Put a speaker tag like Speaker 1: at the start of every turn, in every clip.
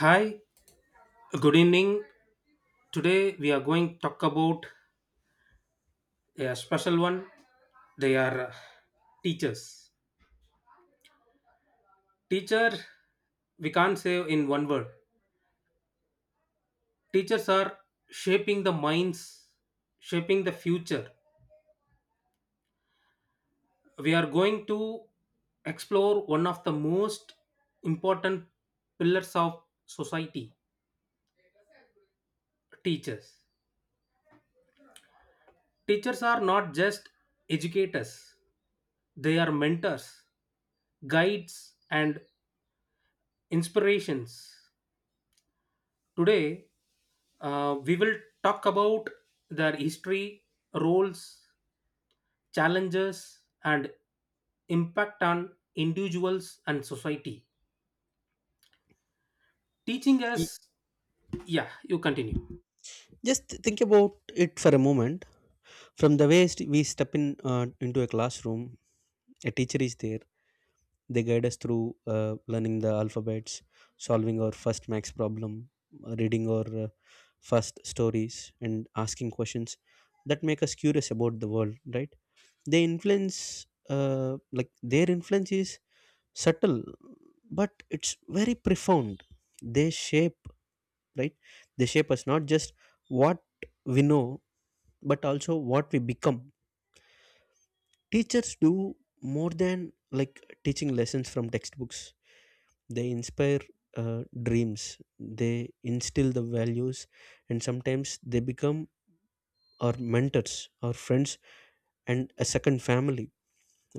Speaker 1: Hi, good evening. Today we are going to talk about a special one. They are teachers. Teacher, we can't say in one word. Teachers are shaping the minds, shaping the future. We are going to explore one of the most important pillars of society teachers. Teachers are not just educators, they are mentors, guides, and inspirations. Today, we will talk about their history, roles, challenges, and impact on individuals and society. Teaching
Speaker 2: Y-
Speaker 1: us, yeah, you continue.
Speaker 2: Just think about it for a moment. From the way we step in into a classroom, a teacher is there. They guide us through learning the alphabets, solving our first max problem, reading our first stories, and asking questions that make us curious about the world, right? They influence, like their influence is subtle, but it's very profound. They shape, right, they shape us not just what we know, but also what we become. Teachers do more than like teaching lessons from textbooks. They inspire dreams, they instill the values, and sometimes they become our mentors, our friends, and a second family,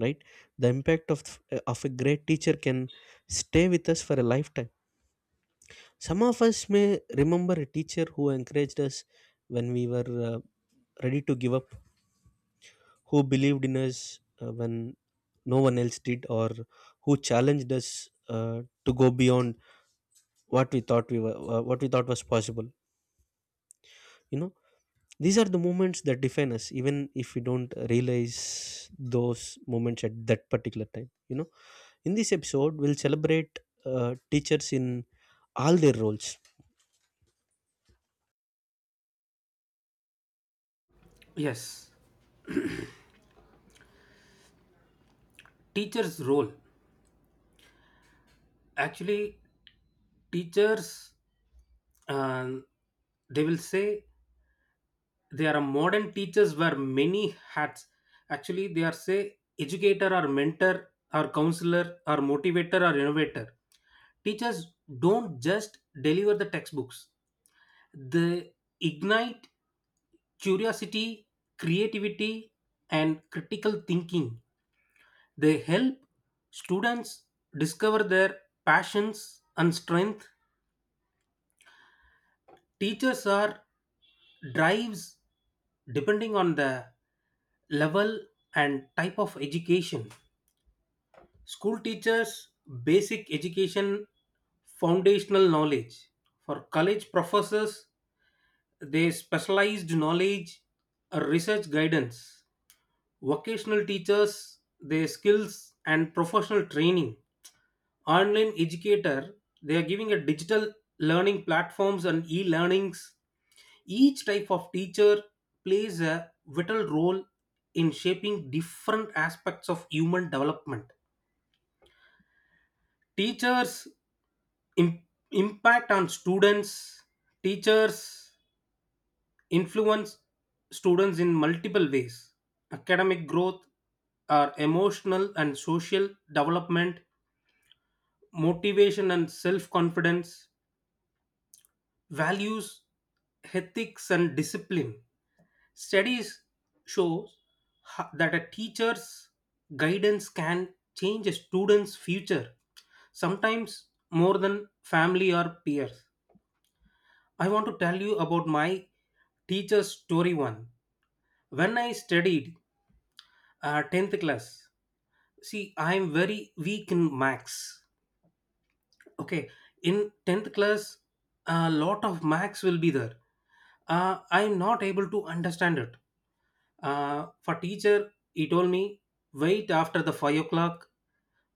Speaker 2: right? The impact of a great teacher can stay with us for a lifetime. Some of us may remember a teacher who encouraged us when we were uh, ready to give up, who believed in us when no one else did, or who challenged us to go beyond what we thought what we thought was possible. You know, these are the moments that define us, even if we don't realize those moments at that particular time. In this episode, we'll celebrate teachers in all their roles.
Speaker 1: Yes, teacher's role. Actually, teachers, um, they will say there are modern teachers wear many hats, actually they are say educator or mentor or counselor or motivator or innovator. Teachers don't just deliver the textbooks, they ignite curiosity, creativity, and critical thinking. They help students discover their passions and strength. Teachers are drives depending on the level and type of education. School teachers, basic education, foundational knowledge. For college professors, they specialized knowledge, research guidance. Vocational teachers, their skills and professional training. Online educator, they are giving a digital learning platforms and e-learnings. Each type of teacher plays a vital role in shaping different aspects of human development. Teachers' im- impact on students. Teachers influence students in multiple ways: academic growth, or emotional and social development, motivation and self confidence, values, ethics, and discipline. Studies show that a teacher's guidance can change a student's future, sometimes more than family or peers. I want to tell you about my teacher's story one. When I studied 10th class, see, I am very weak in max. Okay, in 10th class a lot of max will be there, I'm not able to understand it. For teacher he told me wait after the 5 o'clock,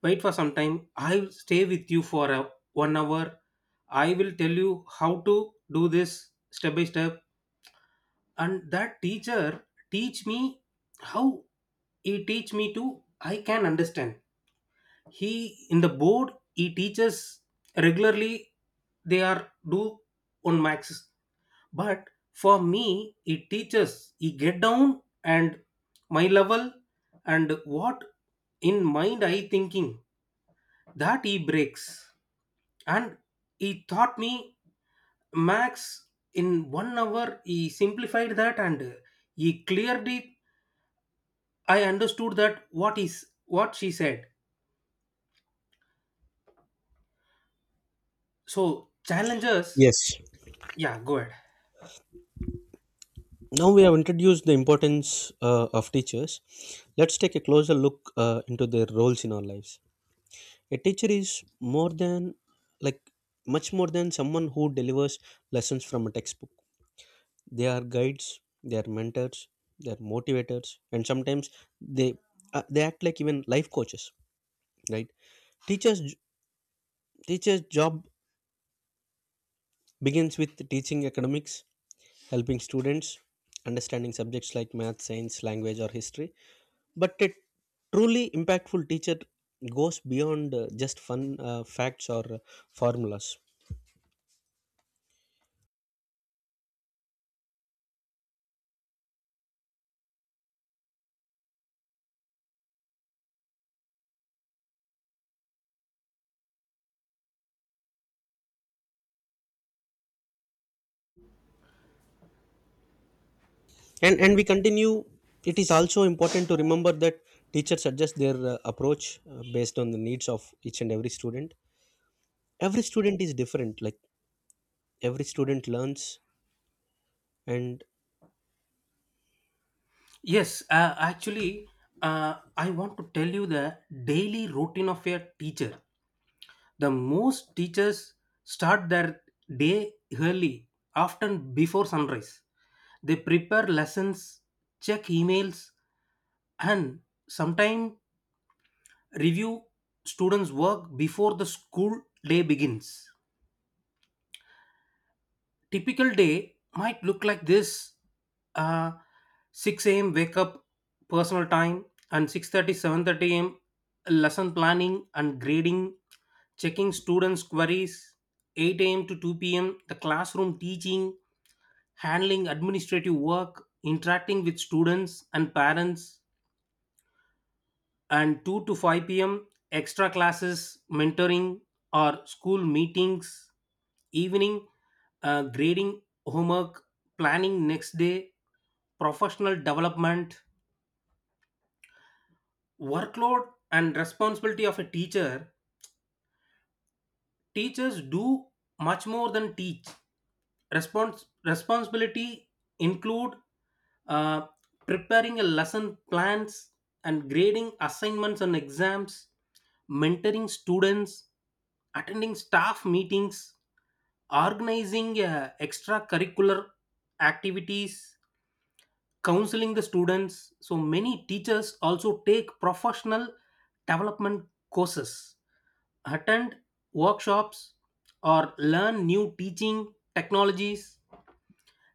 Speaker 1: wait for some time, I'll stay with you for 1 hour. I will tell you how to do this step by step. And that teacher teach me how, he teach me to, I can understand. He in the board he teaches regularly, they are do on maxes, but for me he teaches, he get down and my level and what in mind I thinking that he breaks, and he taught me max in 1 hour. He simplified that and he cleared it. I understood that what is what she said. So, challenges.
Speaker 2: Yes.
Speaker 1: Yeah, go ahead.
Speaker 2: Now we have introduced the importance of teachers. Let's take a closer look into their roles in our lives. A teacher is like, much more than someone who delivers lessons from a textbook. They are guides, they are mentors, they are motivators, and sometimes they they act like even life coaches, right? Teachers teachers' job begins with teaching academics, helping students understanding subjects like math, science, language, or history. But a truly impactful teacher goes beyond just fun facts or formulas. And we continue. It is also important to remember that teachers adjust their approach based on the needs of each and every student. Every student is different. Like every student learns and—
Speaker 1: Yes, actually, I want to tell you the daily routine of a teacher. The most teachers start their day early, often before sunrise. They prepare lessons, check emails, and sometimes review students' work before the school day begins. Typical day might look like this: uh, 6 a.m wake up, personal time, and 6:30, 7:30 a.m. lesson planning and grading, checking students queries. 8 a.m to 2 p.m, the classroom teaching, handling administrative work, interacting with students and parents. And 2 to 5 p.m. extra classes, mentoring or school meetings. Evening, grading homework, planning next day, professional development. Workload and responsibility of a teacher: teachers do much more than teach. Responsibility include, uh, preparing a lesson plans and grading assignments and exams, mentoring students, attending staff meetings, organizing extracurricular activities, counseling the students. So many teachers also take professional development courses, attend workshops, or learn new teaching technologies.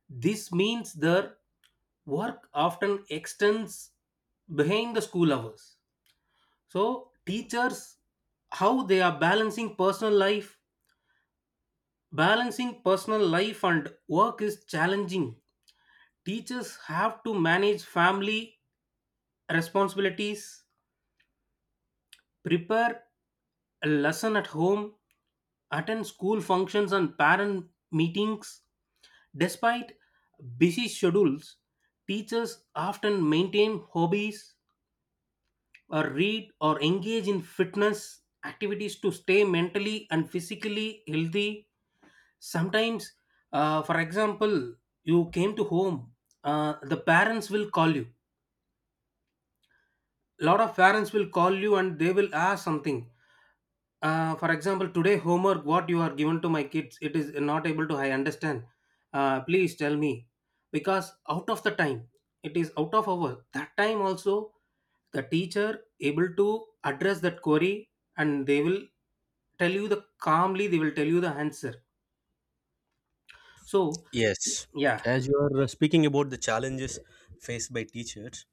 Speaker 1: This means their work often extends behind the school hours. So, teachers, how they are balancing personal life and work is challenging. Teachers have to manage family responsibilities, prepare a lesson at home, attend school functions and parent meetings. Despite busy schedules, teachers often maintain hobbies or read or engage in fitness activities to stay mentally and physically healthy. Sometimes, for example, you came to home, the parents will call you, lot of parents will call you and they will ask something. For example, today homework what you are given to my kids it is not able to I understand. Please tell me, because out of the time, it is out of our that time also the teacher able to address that query, and they will tell you the calmly, they will tell you the answer. So,
Speaker 2: Yes.
Speaker 1: yeah.
Speaker 2: As you are speaking about the challenges faced by teachers,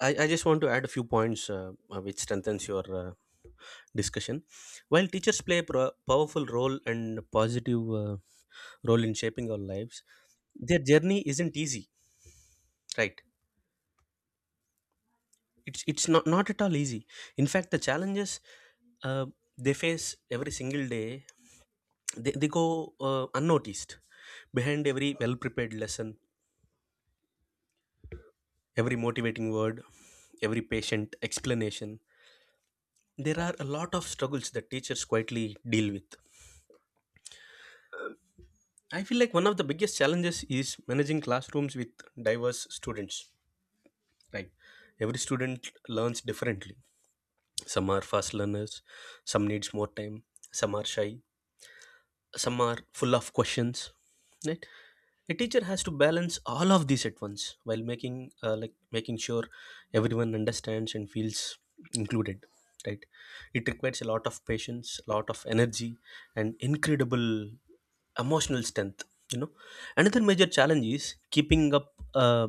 Speaker 2: I just want to add a few points which strengthens your discussion. While teachers play a powerful role and positive role in shaping our lives, their journey isn't easy, right? It's not at all easy. In fact, the challenges uh, they face every single day, they go unnoticed. Behind every well prepared lesson, every motivating word, every patient explanation, there are a lot of struggles that teachers quietly deal with. I feel like one of the biggest challenges is managing classrooms with diverse students, right? Every student learns differently. Some are fast learners, some needs more time, some are shy, some are full of questions, right? A teacher has to balance all of these at once while making sure everyone understands and feels included, right? It requires a lot of patience, a lot of energy, and incredible emotional strength, you know. Another major challenge is keeping up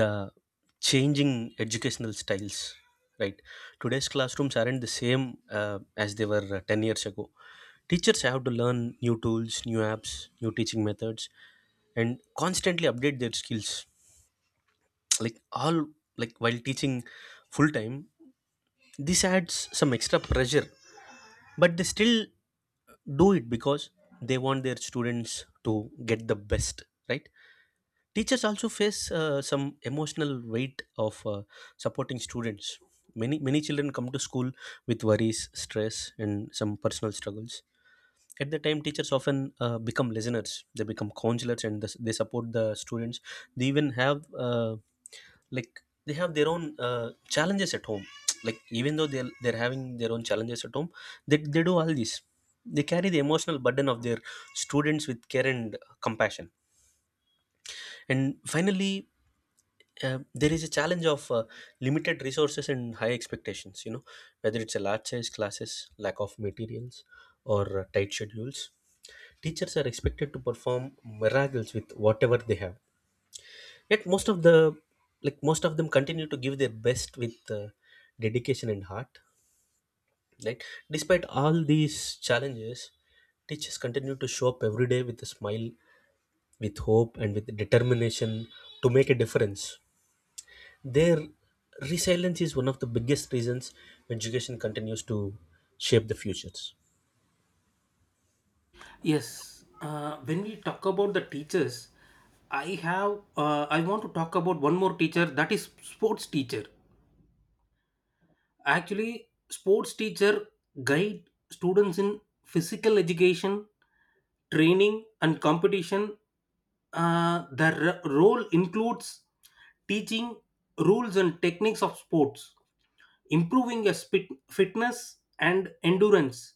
Speaker 2: the changing educational styles, right? Today's classrooms aren't the same as they were 10 years ago. Teachers have to learn new tools, new apps, new teaching methods, and constantly update their skills. like all like While teaching full time, this adds some extra pressure, but they still do it because they want their students to get the best, right? Teachers also face some emotional weight of supporting students. Many children come to school with worries, stress, and some personal struggles. At the time, teachers often become listeners. They become counselors, and thus they support the students. They even have like they have their own challenges at home. Like even though they're having their own challenges at home, they do all this. They carry the emotional burden of their students with care and compassion. And finally, there is a challenge of limited resources and high expectations, you know, whether it's a large size classes, lack of materials, or tight schedules. Teachers are expected to perform miracles with whatever they have, yet most of them continue to give their best with dedication and heart, right? Despite all these challenges, teachers continue to show up every day with a smile, with hope, and with determination to make a difference. Their resilience is one of the biggest reasons education continues to shape the futures.
Speaker 1: Yes, when we talk about the teachers, I want to talk about one more teacher, that is sports teacher. Actually, sports teacher guide students in physical education, training, and competition. Their role includes teaching rules and techniques of sports, improving your spit, fitness and endurance,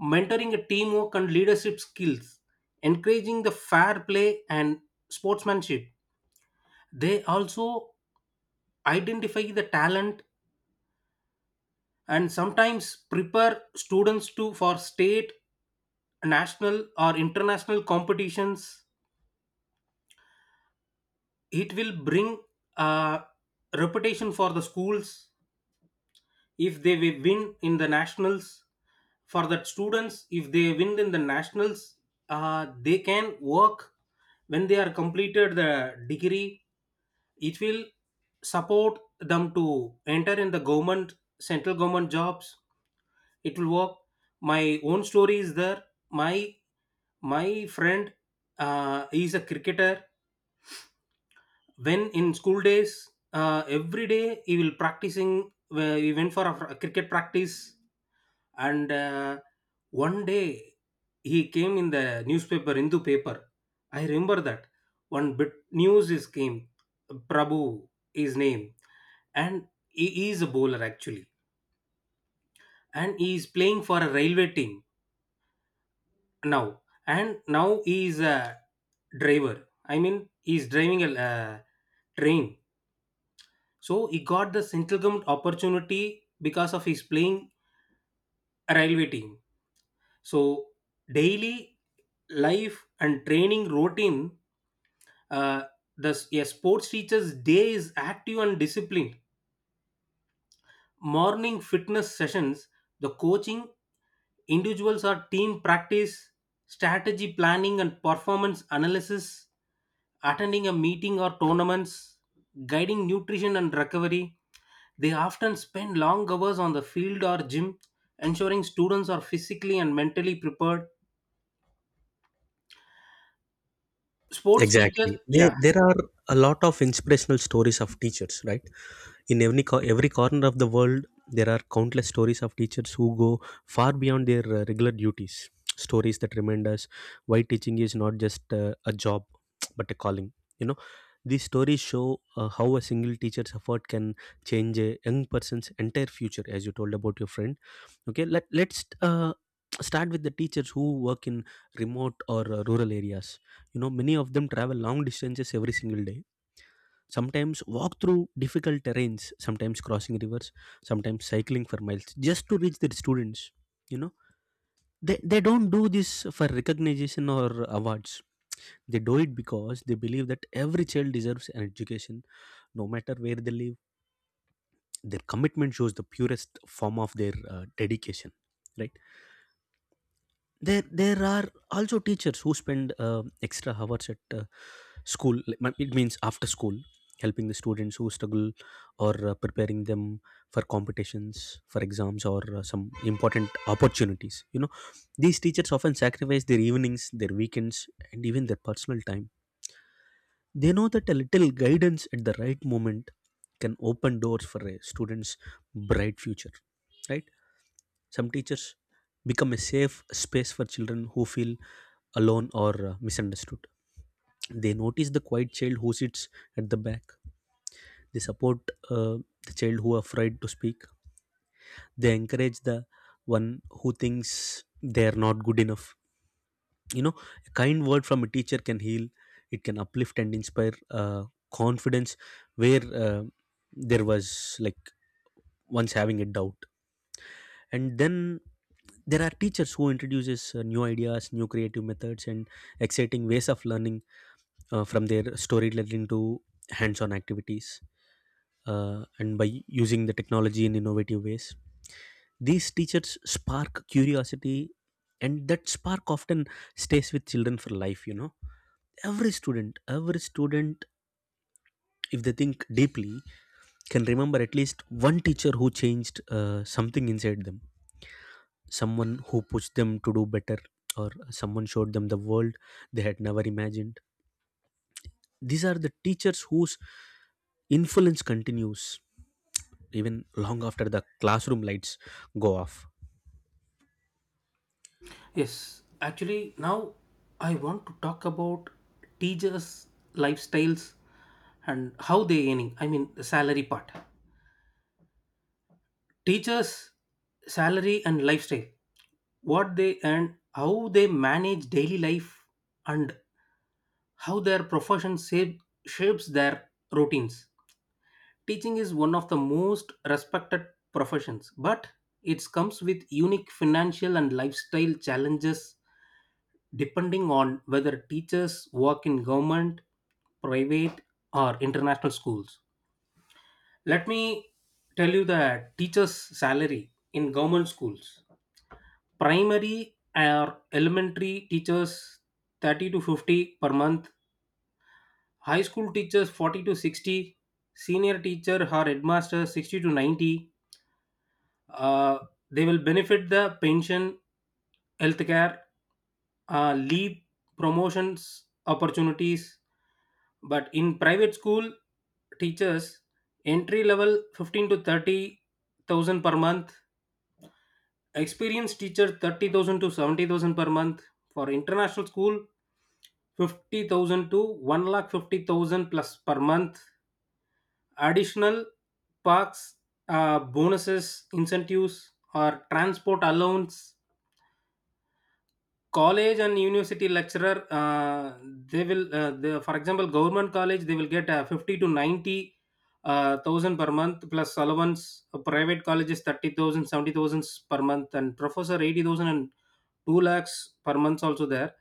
Speaker 1: mentoring a teamwork and leadership skills, encouraging the fair play and sportsmanship. They also identify the talent and sometimes prepare students to for state, national or international competitions. It will bring a reputation for the schools if they will win in the nationals, for the students if they win in the nationals, they can work when they are completed the degree. It will support them to enter in the government, central government jobs, it will work. My own story is there. My my friend is a cricketer, when in school days, every day he will practicing, he went for a cricket practice. And one day he came in the newspaper, Hindu paper. I remember that one bit news is came. Prabhu his name, and he is a bowler actually, and he is playing for a railway team now, and now he is a driver. I mean, he is driving a train. So he got the central government opportunity because of his playing a railway team. So, daily life and training routine, uh, the a sports teacher's day is active and disciplined. Morning fitness sessions, the coaching individuals or team practice, strategy planning and performance analysis, attending a meeting or tournaments, guiding nutrition and recovery. They often spend long hours on the field or gym, ensuring students are physically and mentally prepared. Sports teachers,
Speaker 2: Exactly. There,
Speaker 1: yeah.
Speaker 2: there are a lot of inspirational stories of teachers, right? In every every corner of the world, there are countless stories of teachers who go far beyond their regular duties, stories that remind us why teaching is not just a job, but a calling, you know. These stories show how a single teacher's effort can change a young person's entire future, as you told about your friend. Okay, let's start with the teachers who work in remote or rural areas. You know, many of them travel long distances every single day, sometimes walk through difficult terrains, sometimes crossing rivers, sometimes cycling for miles, just to reach their students. You know, they don't do this for recognition or awards. They do it because they believe that every child deserves an education, no matter where they live. Their commitment shows the purest form of their dedication, right? There are also teachers who spend extra hours at school. It means after school, helping the students who struggle or preparing them for competitions, for exams, or some important opportunities. You know, these teachers often sacrifice their evenings, their weekends, and even their personal time. They know that a little guidance at the right moment can open doors for a student's bright future, right? Some teachers become a safe space for children who feel alone or misunderstood. They notice the quiet child who sits at the back. They support uh, the child who are afraid to speak. They encourage the one who thinks they are not good enough. You know, a kind word from a teacher can heal. It can uplift and inspire confidence where there was like once having a doubt. And then there are teachers who introduces new ideas, new creative methods, and exciting ways of learning, from their story learning to hands-on activities, and by using the technology in innovative ways. These teachers spark curiosity, and that spark often stays with children for life, you know. Every student, if they think deeply, can remember at least one teacher who changed something inside them, someone who pushed them to do better, or someone showed them the world they had never imagined. These are the teachers whose influence continues even long after the classroom lights go off.
Speaker 1: Yes, actually, now I want to talk about teachers' lifestyles and how they earning. I mean, the salary part. Teachers' salary and lifestyle, what they earn, how they manage daily life, and how their shapes their routines. Teaching is one of the most respected professions, but it comes with unique financial and lifestyle challenges depending on whether teachers work in government, private, or international schools. Let me tell you the teacher's salary in government schools. Primary or elementary teachers, 30 to 50 per month. High school teachers, 40 to 60. Senior teacher or headmaster, 60 to 90. uh, they will benefit the pension, healthcare, leave, promotions opportunities. But in private school, teachers entry level 15 to 30,000 per month, experienced teacher 30,000 to 70,000 per month. For international school, 50,000 to 1 lakh 50,000 plus per month. Additional parks, bonuses, incentives, or transport allowance. College and university lecturer, they will, for example, government college, they will get 50 to 90 thousand per month plus allowance. Private colleges, 30,000, per month, and professor, 80,000 and 2 lakhs per month also there.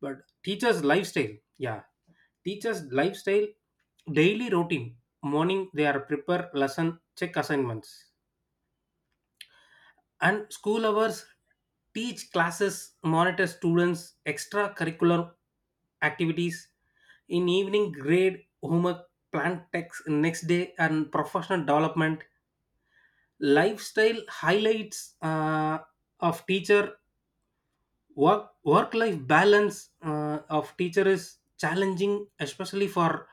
Speaker 1: But teachers' lifestyle, yeah. Teachers' lifestyle, daily routine: morning they are prepare lesson, check assignments, and school hours teach classes, monitor students, extracurricular activities. In evening, grade homework, plan text next day, and professional development. Lifestyle highlights of teacher. Work life balance of teacher is challenging, especially for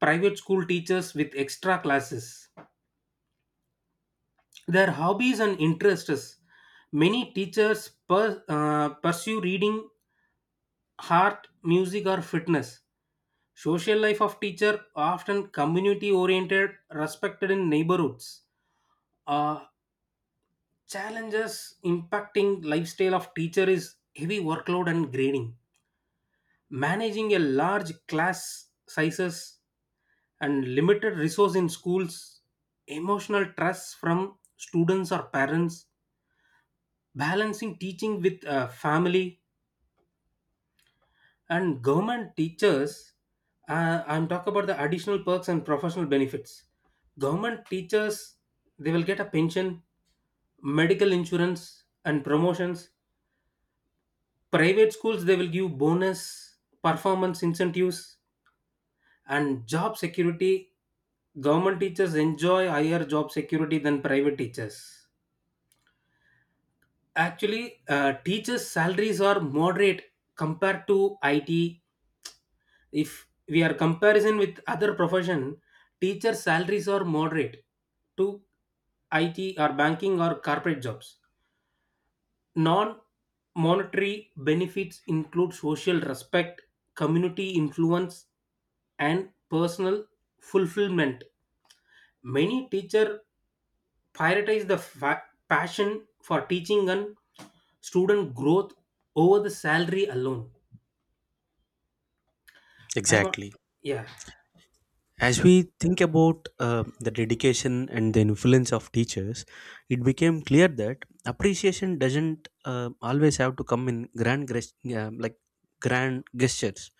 Speaker 1: private school teachers with extra classes. Their hobbies and interests: many teachers pursue reading, art, music, or fitness. Social life of teacher often community oriented, respected in neighborhoods. Uh, Challenges impacting lifestyle of teacher is heavy workload and grading, managing a large class sizes and limited resource in schools, emotional stress from students or parents, balancing teaching with family and government teachers. I'm talking about the additional perks and professional benefits. Government teachers, they will get a pension, medical insurance, and promotions. Private schools, they will give bonus, performance incentives, and job security. Government teachers enjoy higher job security than private teachers. Actually, teachers salaries are moderate compared to it. If we are comparison with other profession, teacher salaries are moderate to IT or banking or corporate jobs. Non monetary benefits include social respect, community influence, and personal fulfillment. Many teacher prioritize the passion for teaching and student growth over the salary alone. I want,
Speaker 2: Exactly.
Speaker 1: yeah.
Speaker 2: As we think about the dedication and the influence of teachers, it became clear that appreciation doesn't always have to come in grand, gres- like grand gestures.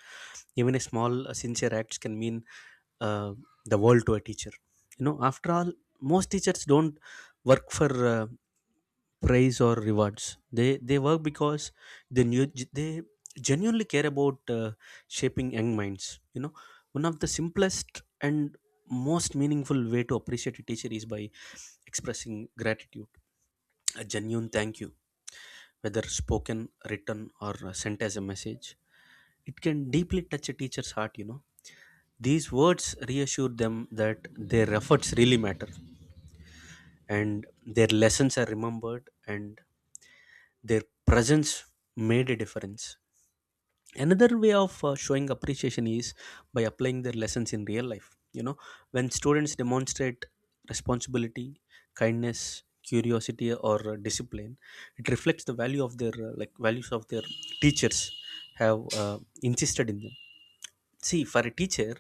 Speaker 2: Even a small, sincere acts can mean uh, the world to a teacher. You know, after all, most teachers don't work for praise or rewards. They work because they knew, they genuinely care about shaping young minds. You know, one of the simplest and most meaningful way to appreciate a teacher is by expressing gratitude, a genuine thank you, whether spoken, written, or sent as a message, it can deeply touch a teacher's heart, you know. These words reassure them that their efforts really matter, and their lessons are remembered, and their presence made a difference. Another way of showing appreciation is by applying their lessons in real life, you know. When students demonstrate responsibility, kindness, curiosity, or discipline, it reflects the values of their teachers have insisted in them. See for a teacher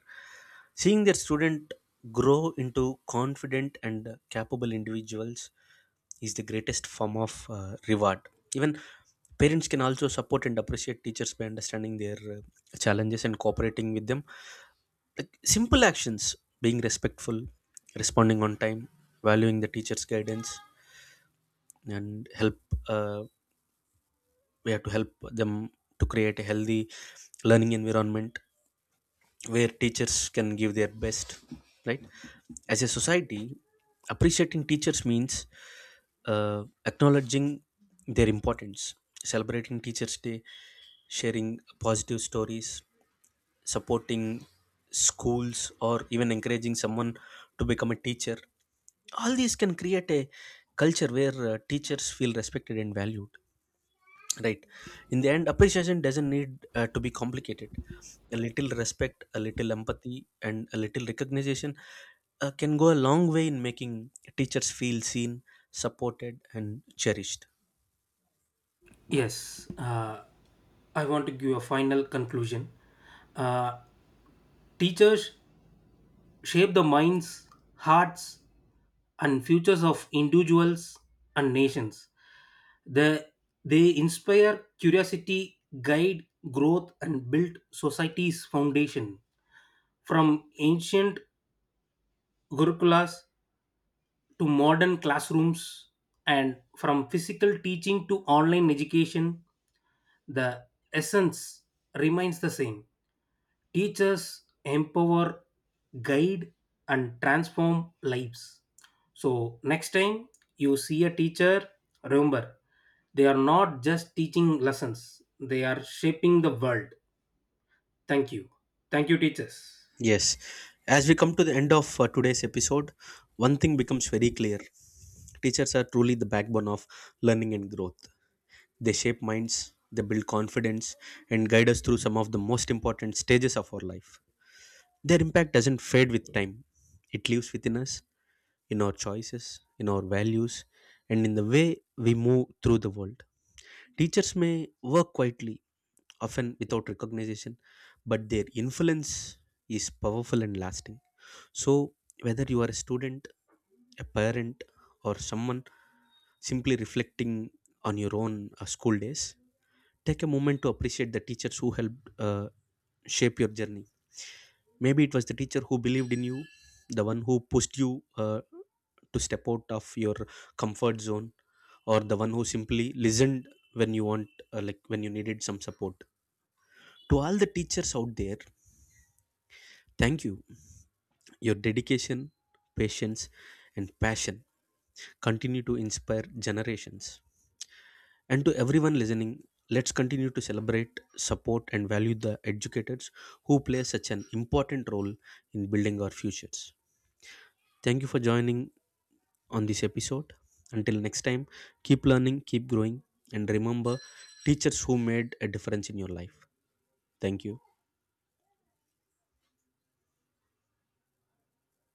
Speaker 2: Seeing their student grow into confident and capable individuals is the greatest form of reward. Even parents can also support and appreciate teachers by understanding their challenges and cooperating with them. Like simple actions, being respectful, responding on time, valuing the teacher's guidance, and help. Uh, we have to help them to create a healthy learning environment where teachers can give their best, right? As a society, appreciating teachers means acknowledging their importance, celebrating teachers day, sharing positive stories, supporting schools, or even encouraging someone to become a teacher. All these can create a culture where teachers feel respected and valued, right? In the end, appreciation doesn't need to be complicated. A little respect, a little empathy, and a little recognition can go a long way in making teachers feel seen, supported, and cherished.
Speaker 1: Yes, I want to give a final conclusion. Uh, Teachers shape the minds, hearts, and futures of individuals and nations. They, they inspire curiosity, guide growth, and build society's foundation. From ancient gurukulas to modern classrooms, and from physical teaching to online education, the essence remains the same. Teachers empower, guide, and transform lives. So, next time you see a teacher, remember they are not just teaching lessons, they are shaping the world. Thank you. Thank you, teachers.
Speaker 2: Yes, as we come to the end of today's episode, one thing becomes very clear: teachers are truly the backbone of learning and growth. They shape minds, they build confidence, and guide us through some of the most important stages of our life. Their impact doesn't fade with time. It lives within us, in our choices, in our values, and in the way we move through the world. Teachers may work quietly, often without recognition, but their influence is powerful and lasting. So, whether you are a student, a parent, or someone simply reflecting on your own school days, take a moment to appreciate the teachers who helped shape your journey. Maybe it was the teacher who believed in you, the one who pushed you to step out of your comfort zone, or the one who simply listened when you want, like when you needed some support. To all the teachers out there, thank you. Your dedication, patience, and passion continue to inspire generations. And to everyone listening, let's continue to celebrate, support, and value the educators who play such an important role in building our futures. Thank you for joining on this episode. Until next time, keep learning, keep growing, and remember teachers who made a difference in your life. Thank you.